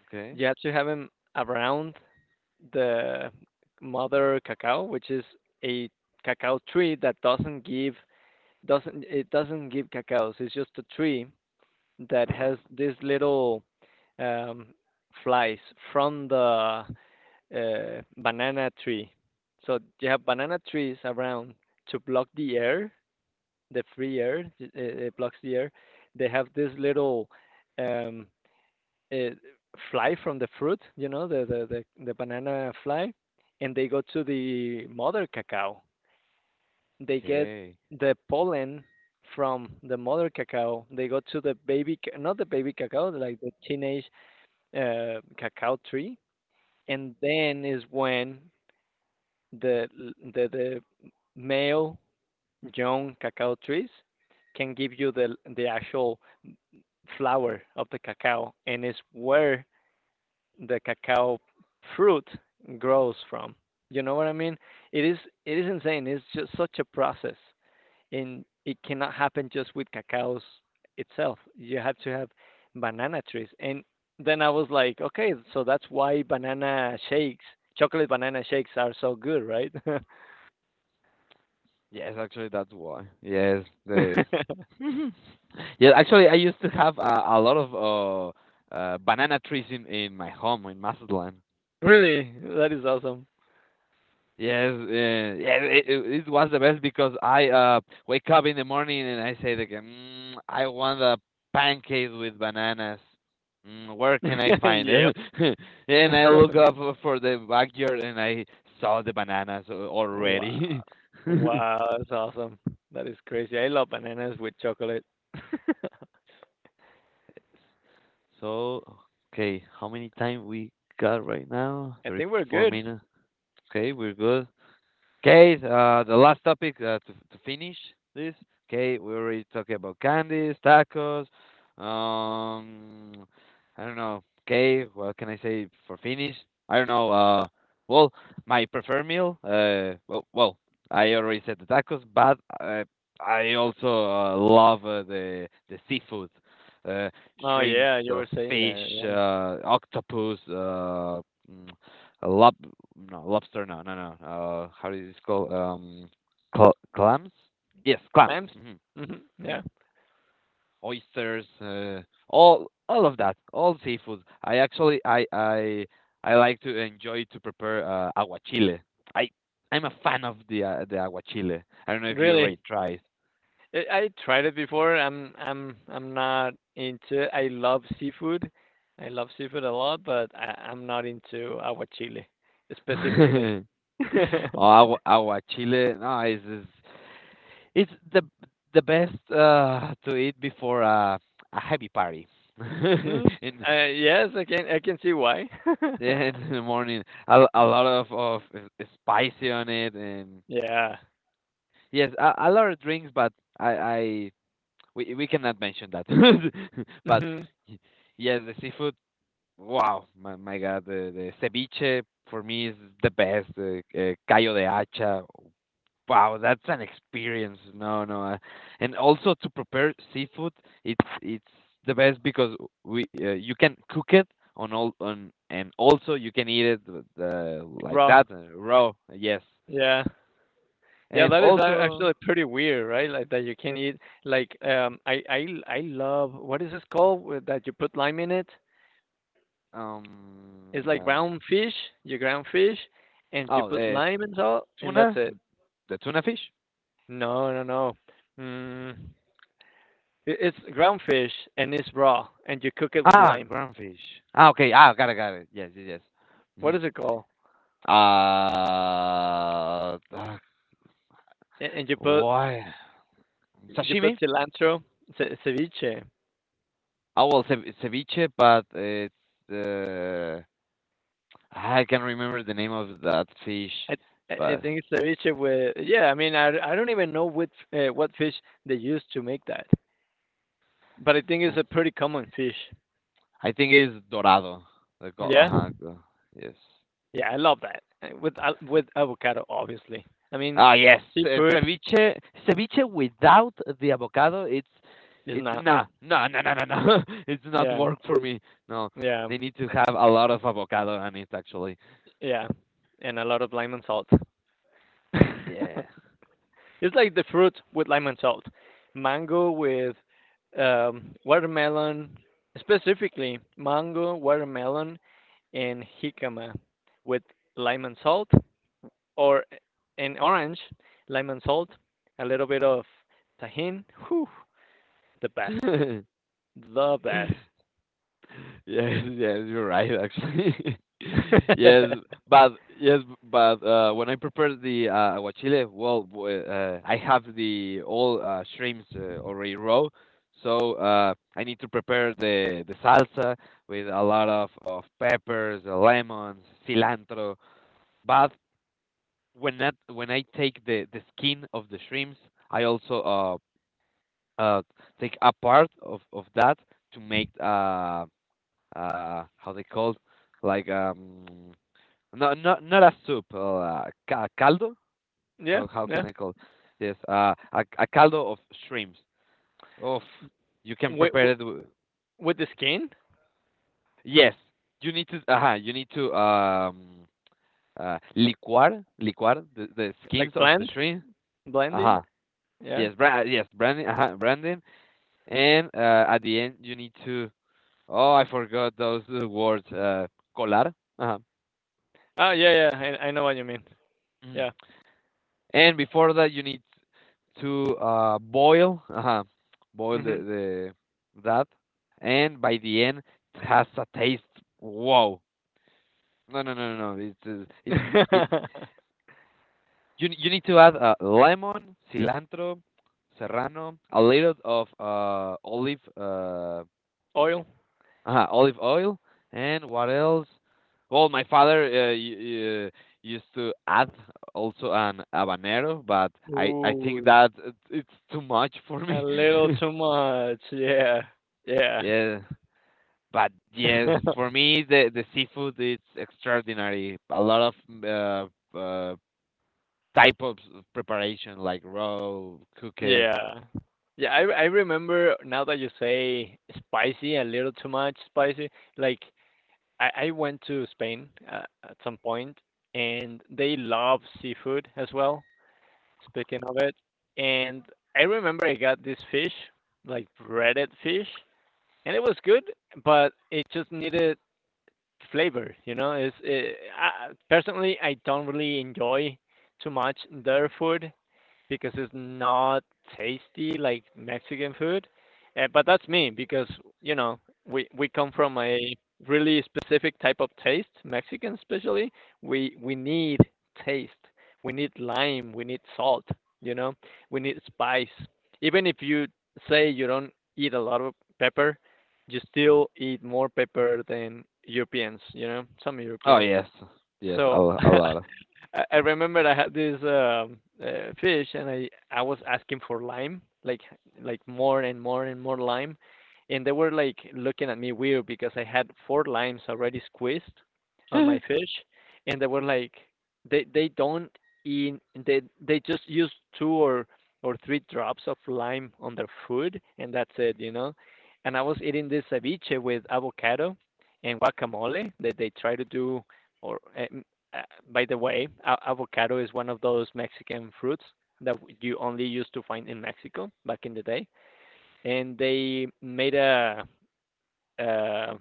Speaker 2: Okay.
Speaker 1: You have to have them around the mother cacao, which is a cacao tree that doesn't give cacaos. It's just a tree that has these little um, flies from the banana tree. So you have banana trees around to block the air, the free air. It blocks the air. They have these little um, uh, fly from the fruit, you know, the banana fly, and they go to the mother cacao. They get
Speaker 2: Okay.
Speaker 1: the pollen from the mother cacao. They go to the baby, not the baby cacao, like the teenage cacao tree, and then is when the the male young cacao trees can give you the actual flower of the cacao, and it's where the cacao fruit grows from. You know what I mean? It is it is insane. It's just such a process, and it cannot happen just with cacao's itself. You have to have banana trees, and then I was like, okay, so that's why banana shakes, chocolate banana shakes are so good, right? *laughs*
Speaker 2: Yes, actually, that's why. Yes, the. *laughs* Yeah. Actually, I used to have a lot of banana trees in my home in Mazatlán.
Speaker 1: Really, that is awesome.
Speaker 2: Yes, yeah, it was the best because I wake up in the morning and I say like, mm, I want a pancake with bananas. Mm, where can I
Speaker 1: *laughs*
Speaker 2: find
Speaker 1: Yep.
Speaker 2: it? *laughs* And I look
Speaker 1: *laughs*
Speaker 2: up for the backyard and I saw the bananas
Speaker 1: Wow,
Speaker 2: already. *laughs*
Speaker 1: wow, that's awesome. That is crazy. I love bananas with chocolate.
Speaker 2: so okay, how many time we got right now?
Speaker 1: I
Speaker 2: 3,
Speaker 1: think we're
Speaker 2: four
Speaker 1: good.
Speaker 2: minutes. Okay, we're good. Okay, the last topic, to finish this. Okay, we already talked about candies, tacos. Um, I don't know. Okay, what can I say for finish? I don't know. Well, my preferred meal. Well, I already said the tacos, but uh, I also love, the seafood, uh,
Speaker 1: Oh
Speaker 2: shrimps,
Speaker 1: yeah, you were saying
Speaker 2: fish,
Speaker 1: that. Yeah,
Speaker 2: octopus. Mm, a lob no lobster. No, no, no, how do you call? Clams, yes, clams.
Speaker 1: clams. Hmm.
Speaker 2: Hmm
Speaker 1: Yeah,
Speaker 2: Oysters, all of that, all seafood. I Actually, I like to enjoy to prepare aguachile. i I'm a fan of the aguachile. I don't know if you
Speaker 1: really.
Speaker 2: already tried.
Speaker 1: I tried it before. I'm not into it. I love seafood. I love seafood a lot, but I'm not into aguachile specifically.
Speaker 2: *laughs* Oh,
Speaker 1: *laughs* Mm,
Speaker 2: aguachile. No, it's the best, to eat before a heavy party. *laughs* in
Speaker 1: yes, I can see why. *laughs*
Speaker 2: Yeah, in the morning, a lot of spicy on it, and
Speaker 1: Yeah.
Speaker 2: yes, a lot of drinks, but I we cannot mention that. *laughs* But
Speaker 1: Hmm.
Speaker 2: y- yes, the seafood. Wow, my God, the ceviche for me is the best. Callo de hacha. Wow, that's an experience. No, no, and also to prepare seafood, it's the best because we you can cook it on all on, and also you can eat it with, like
Speaker 1: Raw.
Speaker 2: that, raw. Yes,
Speaker 1: Yeah. Yeah,
Speaker 2: and
Speaker 1: that is actually
Speaker 2: also
Speaker 1: pretty weird, right? Like that you can eat like I I love what is this called that you put lime in it?
Speaker 2: um,
Speaker 1: It's like
Speaker 2: um
Speaker 1: brown fish, you ground fish, and you
Speaker 2: oh,
Speaker 1: put lime and salt, and that's
Speaker 2: tuna
Speaker 1: it.
Speaker 2: the tuna fish.
Speaker 1: No. Mm, it's ground fish and it's raw, and you cook it with
Speaker 2: Ah,
Speaker 1: lime.
Speaker 2: groundfish. Ah, okay. Ah, got it. Yes, yes, yes. hmm
Speaker 1: What
Speaker 2: uh,
Speaker 1: is it called?
Speaker 2: uh
Speaker 1: And
Speaker 2: why?
Speaker 1: you put
Speaker 2: Sashimi.
Speaker 1: cilantro, ceviche.
Speaker 2: Oh, well, ceviche, but it's, uh, ah, I can't remember the name of that fish,
Speaker 1: I I
Speaker 2: but
Speaker 1: think it's ceviche with yeah. I mean I don't even know which what fish they use to make that. But I think it's
Speaker 2: oh,
Speaker 1: a pretty common fish.
Speaker 2: I think it's dorado. The go
Speaker 1: Yeah,
Speaker 2: uh-huh, go, yes.
Speaker 1: yeah, I love that. With with avocado, obviously. I mean,
Speaker 2: Ah, yes, ce
Speaker 1: seafood
Speaker 2: ceviche ceviche without the avocado,
Speaker 1: is
Speaker 2: it's
Speaker 1: not.
Speaker 2: nah, no, no, no, no, no. *laughs* It's not
Speaker 1: Yeah,
Speaker 2: work for me. No,
Speaker 1: yeah,
Speaker 2: they need to have a lot of avocado on it, actually.
Speaker 1: yeah, and a lot of lime and salt. *laughs*
Speaker 2: Yeah.
Speaker 1: It's like the fruit with lime and salt, mango with watermelon, specifically mango, watermelon, and jicama with lime and salt, or an orange, lime and salt, a little bit of tahin. Whew, the best, the best.
Speaker 2: *laughs* *laughs* Yes, yes, you're right, actually. *laughs* Yes,
Speaker 1: *laughs*
Speaker 2: but yes, but when I prepare the aguachile, well, I have the all shrimps already raw, so I need to prepare the salsa with a lot of peppers, lemons, cilantro. But when that, when I take the skin of the shrimps, I also uh take a part of that to make, how they called, like, not, a soup, caldo.
Speaker 1: Yeah,
Speaker 2: How
Speaker 1: yeah.
Speaker 2: can I call this, a caldo of shrimps, of, you can
Speaker 1: With
Speaker 2: prepare it
Speaker 1: the skin,
Speaker 2: yes. You need to liquar the skins
Speaker 1: like
Speaker 2: of the
Speaker 1: blend,
Speaker 2: shrimp.
Speaker 1: blending.
Speaker 2: Uh-huh.
Speaker 1: Yeah.
Speaker 2: Yes, yes, branding. Uh-huh, branding. And at the end you need to. Oh, I forgot those words, colar. Uh-huh.
Speaker 1: Ah, yeah, yeah. I know what you mean.
Speaker 2: Mm.
Speaker 1: Yeah.
Speaker 2: And before that, you need to boil
Speaker 1: Mhm.
Speaker 2: the that, and by the end it has a taste. Wow! No, no, no, no, no. It's it.
Speaker 1: *laughs*
Speaker 2: You need to add lemon, cilantro, serrano, a little of olive,
Speaker 1: Oil.
Speaker 2: uh-huh, olive oil, and what else? Well, my father used to add also an habanero, but I think
Speaker 1: Ooh,
Speaker 2: that it's too much for
Speaker 1: a
Speaker 2: me.
Speaker 1: little
Speaker 2: *laughs*
Speaker 1: too much. Yeah, yeah.
Speaker 2: Yeah, but yes,
Speaker 1: *laughs*
Speaker 2: for me the seafood is extraordinary. A lot of uh, uh, type of preparation, like raw, cooked.
Speaker 1: Yeah. Yeah, I remember now that you say spicy, a little too much spicy. Like I went to Spain at some point and they love seafood as well, speaking of it. And I remember I got this fish, like breaded fish, and it was good, but it just needed flavor, you know? Personally I don't really enjoy too much their food because it's not tasty like Mexican food. But that's me because you know we come from a really specific type of taste. Mexican, especially, we need taste. We need lime. We need salt. You know, we need spice. Even if you say you don't eat a lot of pepper, you still eat more pepper than Europeans. You know, some
Speaker 2: Oh
Speaker 1: Europeans.
Speaker 2: yes, yes,
Speaker 1: So *laughs*
Speaker 2: a lot of.
Speaker 1: I remember I had this fish, and I was asking for lime, like more and more and more lime, and they were like looking at me weird because I had four limes already squeezed on my
Speaker 2: *laughs*
Speaker 1: fish, and they were like they don't eat they just use two or three drops of lime on their food and that's it, you know. And I was eating this ceviche with avocado and guacamole that they try to do or uh, by the way, avocado is one of those Mexican fruits that you only used to find in Mexico back in the day, and they made a,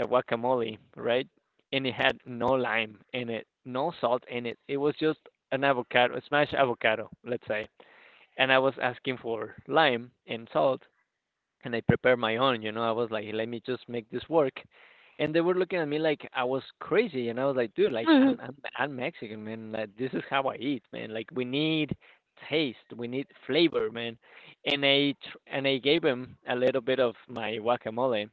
Speaker 1: a guacamole, right? And it had no lime in it, no salt in it. It was just an avocado, a smashed avocado, let's say. And I was asking for lime and salt, and I prepared my own. You know, I was like, let me just make this work. And they were looking at me like I was crazy, and I was like, dude, like I'm Mexican, man. Like this is how I eat, man. Like we need taste, we need flavor, man. And and I gave them a little bit of my guacamole,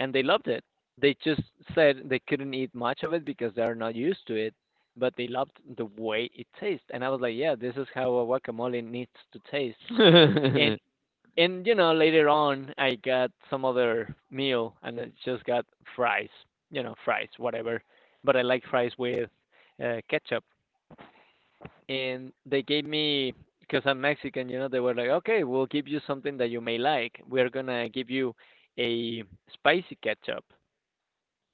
Speaker 1: and they loved it. They just said they couldn't eat much of it because they're not used to it, but they loved the way it tastes. And I was like, yeah, this is how a guacamole needs to taste and and you know later on I got some other meal and I just got fries, you know fries whatever, but I like fries with ketchup and they gave me because I'm Mexican, you know they were like okay we'll give you something that you may like. We're gonna give you a spicy ketchup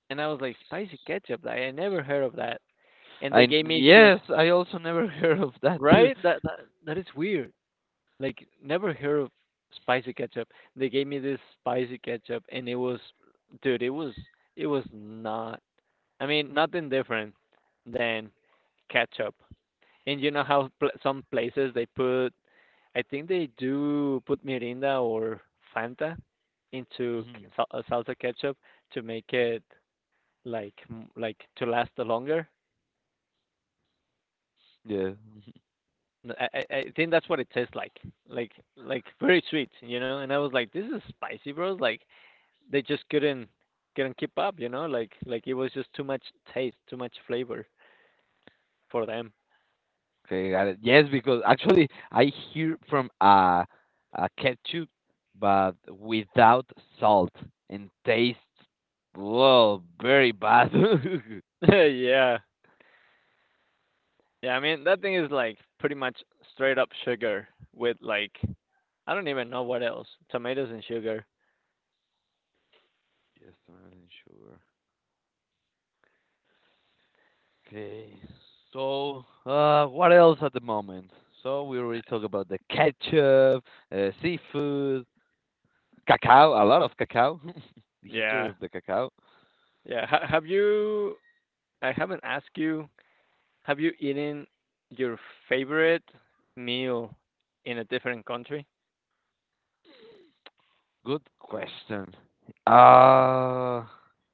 Speaker 1: and I was like spicy ketchup like I never heard of that and they
Speaker 2: I
Speaker 1: gave me just
Speaker 2: Yes, I also never *laughs* heard of that. *laughs*
Speaker 1: right that that is weird like never heard of spicy ketchup. They gave me this spicy ketchup, and it was, dude, it was not. I mean, nothing different than ketchup. And you know how some places they put, I think they do put Mirinda or Fanta into
Speaker 2: Mhm.
Speaker 1: salsa ketchup to make it like like to last the longer.
Speaker 2: Yeah. Mhm.
Speaker 1: I think that's what it tastes like very sweet, you know. And I was like, this is spicy, bro. Like they just couldn't keep up, you know, like it was just too much taste, too much flavor for them.
Speaker 2: Okay, got it. Yes, because actually I hear from a ketchup, but without salt, and tastes, well, very bad. *laughs*
Speaker 1: *laughs* Yeah. Yeah, I mean that thing is like pretty much straight up sugar with like I don't even know what else. Tomatoes and sugar.
Speaker 2: Yes, salt and sugar. Okay. So, what else at the moment? So we already talked about the ketchup, seafood, cacao, a lot of cacao, *laughs* the history
Speaker 1: Yeah.
Speaker 2: of the cacao.
Speaker 1: Yeah. Have you I haven't asked you, have you eaten your favorite meal in a different country?
Speaker 2: Good question. Uh,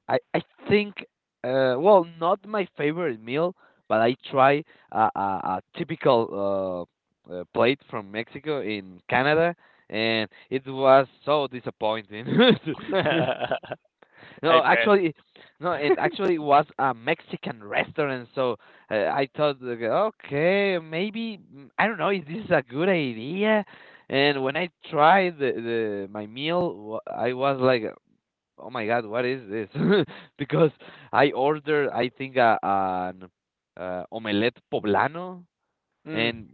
Speaker 2: I think, well, not my favorite meal, but I try a, a, a typical plate from Mexico in Canada, and it was so disappointing. *laughs*
Speaker 1: *laughs* I
Speaker 2: No,
Speaker 1: bet.
Speaker 2: actually, no, and actually it was a Mexican restaurant, so I thought, like, okay, maybe, I don't know, is this a good idea? And when I tried the my meal, I was like, oh my God, what is this? *laughs* Because I ordered, I think, an omelette poblano,
Speaker 1: Mm.
Speaker 2: and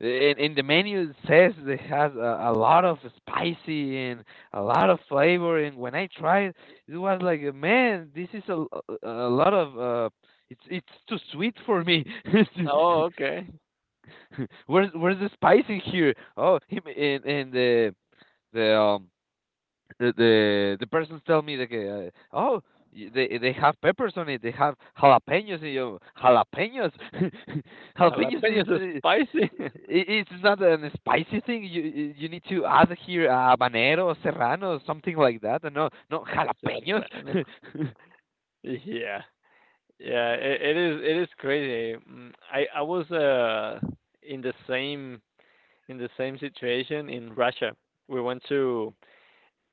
Speaker 2: in the menu it says it has a lot of spicy and a lot of flavor, and when I tried, it was like, man, this is a lot of it's too sweet for me. *laughs*
Speaker 1: Oh, okay.
Speaker 2: Where's the spice in here? Oh and the um the persons tell me that, oh, they have peppers on it, they have jalapenos in you, jalapenos. *laughs* Jalapenos is,
Speaker 1: Jalapeños are spicy. *laughs*
Speaker 2: it's not an spicy thing, you need to add here, habanero, serrano, something like that. And no, no jalapenos.
Speaker 1: Serrano. Yeah, yeah, it, it is crazy. Mm, I was in the same in the same situation in Russia. We went to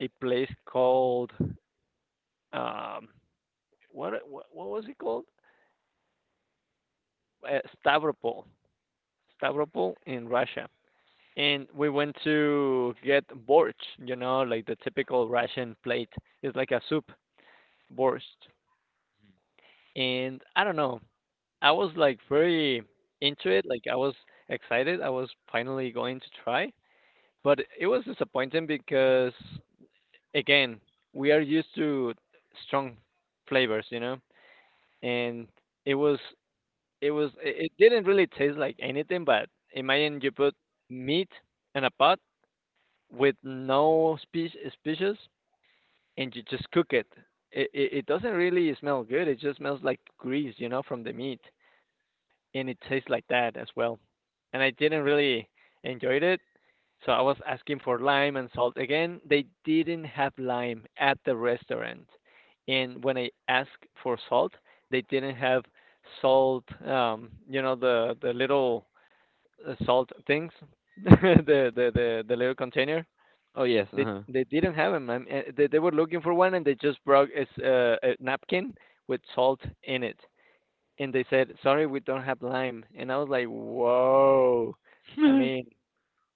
Speaker 1: a place called um what was it called? Uh, Stavropol, Stavropol in Russia. And we went to get borch, you know, like the typical Russian plate. It's like a soup, borst. And I don't know, I was like very into it. Like I was excited. I was finally going to try, but it was disappointing because again, we are used to strong flavors, you know, and it was it was it it didn't really taste like anything. But imagine you put meat in a pot with no spe species, and you just cook it. It doesn't really smell good. It just smells like grease, you know, from the meat. And it tastes like that as well. And I didn't really enjoy it, so I was asking for lime and salt again. They didn't have lime at the restaurant, and when I asked for salt, they didn't have salt. You know the little salt things, *laughs* the, the the little container.
Speaker 2: *laughs* Oh yes, uh-huh.
Speaker 1: They didn't have them. And they were looking for one, and they just brought a napkin with salt in it and they said, "Sorry, we don't have lime." And I was like, "Whoa!" I mean,
Speaker 2: *laughs*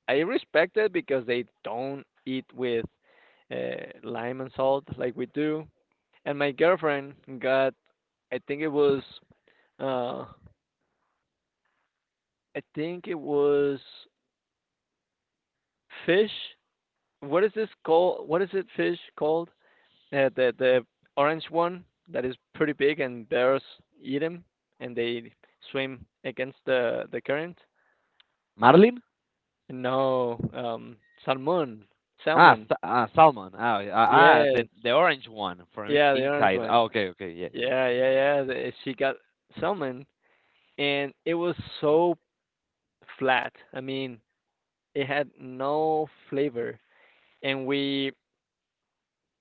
Speaker 1: I respect it because they don't eat with uh, lime and salt like we do. And my girlfriend got, I think it was, uh, I think it was fish. What is this called? What is it fish called? The orange one that is pretty big and bears eat them and they swim against the current.
Speaker 2: Marlin.
Speaker 1: No, salmon,
Speaker 2: Ah,
Speaker 1: salmon.
Speaker 2: salmon. Ah,
Speaker 1: Yes.
Speaker 2: the orange one from
Speaker 1: Yeah, the orange
Speaker 2: inside,
Speaker 1: one.
Speaker 2: ah, okay, okay, yeah, yes.
Speaker 1: Yeah, yeah, yeah. She got salmon, and it was so flat. I mean, it had no flavor. And we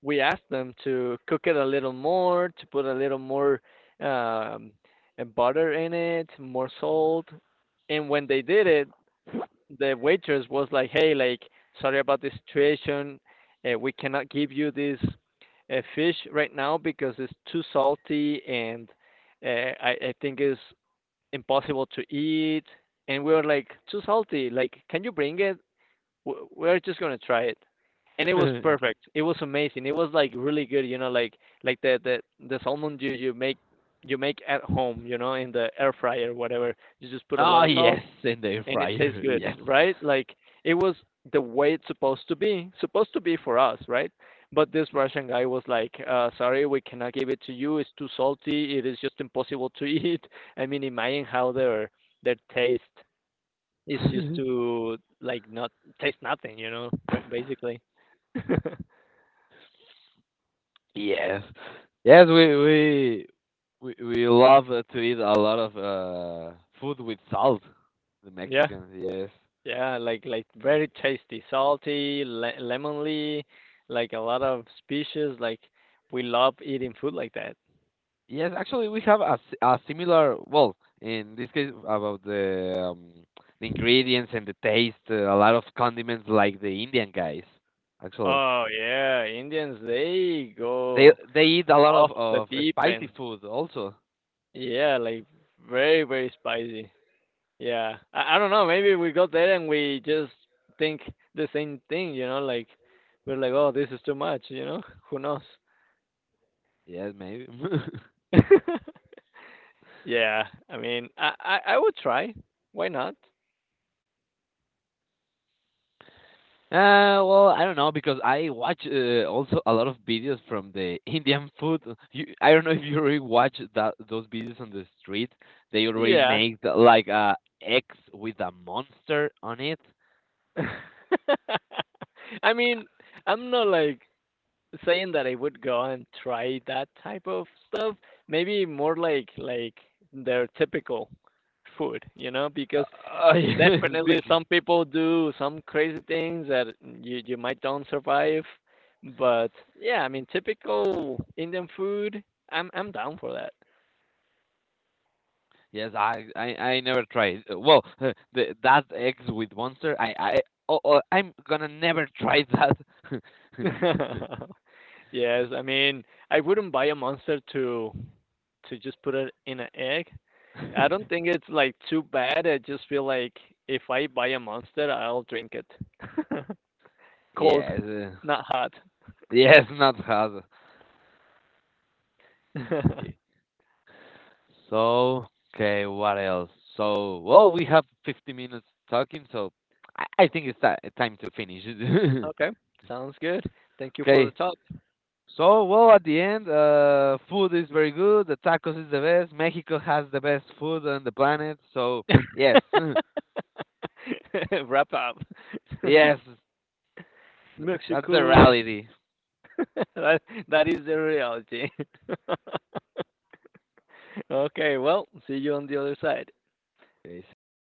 Speaker 1: asked them to cook it a little more, to put a little more um, butter in it, more salt. And when they did it, the waitress was like, "Hey, like, sorry about the situation. We cannot give you this fish right now because it's too salty, and I think it's impossible to eat." And we were like, "Too salty. Like, can you bring it? We're just gonna try it." And it was
Speaker 2: *laughs*
Speaker 1: perfect. It was amazing. It was like really good. You know, like the the salmon you make you make at home. You know, in the air fryer, whatever. You just put a
Speaker 2: Oh
Speaker 1: lot of salt
Speaker 2: yes, in the air
Speaker 1: and it tastes
Speaker 2: fryer. *laughs*
Speaker 1: good,
Speaker 2: Yes.
Speaker 1: right? Like it was the way it's supposed to be for us, right? But this Russian guy was like, "Sorry, we cannot give it to you. It's too salty. It is just impossible to eat." *laughs* I mean, imagine how their taste is just
Speaker 2: *laughs*
Speaker 1: to like not taste nothing, you know, basically. *laughs*
Speaker 2: Yes. Yes, we love, to eat a lot of food with salt. The
Speaker 1: Yeah,
Speaker 2: Mexicans, yes.
Speaker 1: yeah, like very tasty, salty, le lemony, like a lot of species. Like we love eating food like that.
Speaker 2: Yes, actually we have a similar, well, in this case about the ingredients and the taste, a lot of condiments like the Indian guys, actually.
Speaker 1: Oh, yeah, Indians, they
Speaker 2: They
Speaker 1: go
Speaker 2: they eat a lot of
Speaker 1: off the
Speaker 2: of
Speaker 1: deep
Speaker 2: spicy
Speaker 1: end.
Speaker 2: food also.
Speaker 1: Yeah, like very, very spicy. Yeah. I don't know, maybe we go there and we just think the same thing, you know, like we're like, "Oh, this is too much," you know? Who knows?
Speaker 2: Yes, maybe. *laughs*
Speaker 1: *laughs* Yeah, I mean, I would try. Why not?
Speaker 2: Well, I don't know because I watch, also a lot of videos from the *laughs* Indian food. You, I don't know if you already watch that those videos on the street. They already
Speaker 1: Yeah.
Speaker 2: make the, like a egg with a monster on it.
Speaker 1: *laughs* I mean, I'm not like saying that I would go and try that type of stuff. Maybe more like their typical food, you know, because
Speaker 2: Uh, *laughs* yes,
Speaker 1: definitely
Speaker 2: Vicky.
Speaker 1: some people do some crazy things that you might don't survive. But yeah, I mean typical Indian food, I'm down for that.
Speaker 2: Yes, I never tried. Well, *laughs* the that eggs with monster. I Oh, I'm gonna never try that. *laughs*
Speaker 1: *laughs* Yes, I mean I wouldn't buy a monster to just put it in an egg, I don't think it's like too bad. I just feel like if I buy a Monster, I'll drink it. *laughs* Cold,
Speaker 2: Yes,
Speaker 1: not hot.
Speaker 2: yes, not hard. Eh,
Speaker 1: *laughs*
Speaker 2: So, okay, what else? So, well, we have 50 minutes talking, so I think it's time to finish.
Speaker 1: Okay, sounds good. Thank
Speaker 2: *laughs*
Speaker 1: you for the
Speaker 2: Okay.
Speaker 1: talk.
Speaker 2: So, well, at the end, food is very good. The tacos is the best. Mexico has the best food on the planet. So, yes, *laughs*
Speaker 1: *laughs* Wrap up. *laughs*
Speaker 2: yes, that's the
Speaker 1: Mexico. *laughs*
Speaker 2: reality.
Speaker 1: That, that is the reality. *laughs* Okay, well, see you on the other side.
Speaker 2: Okay, see you.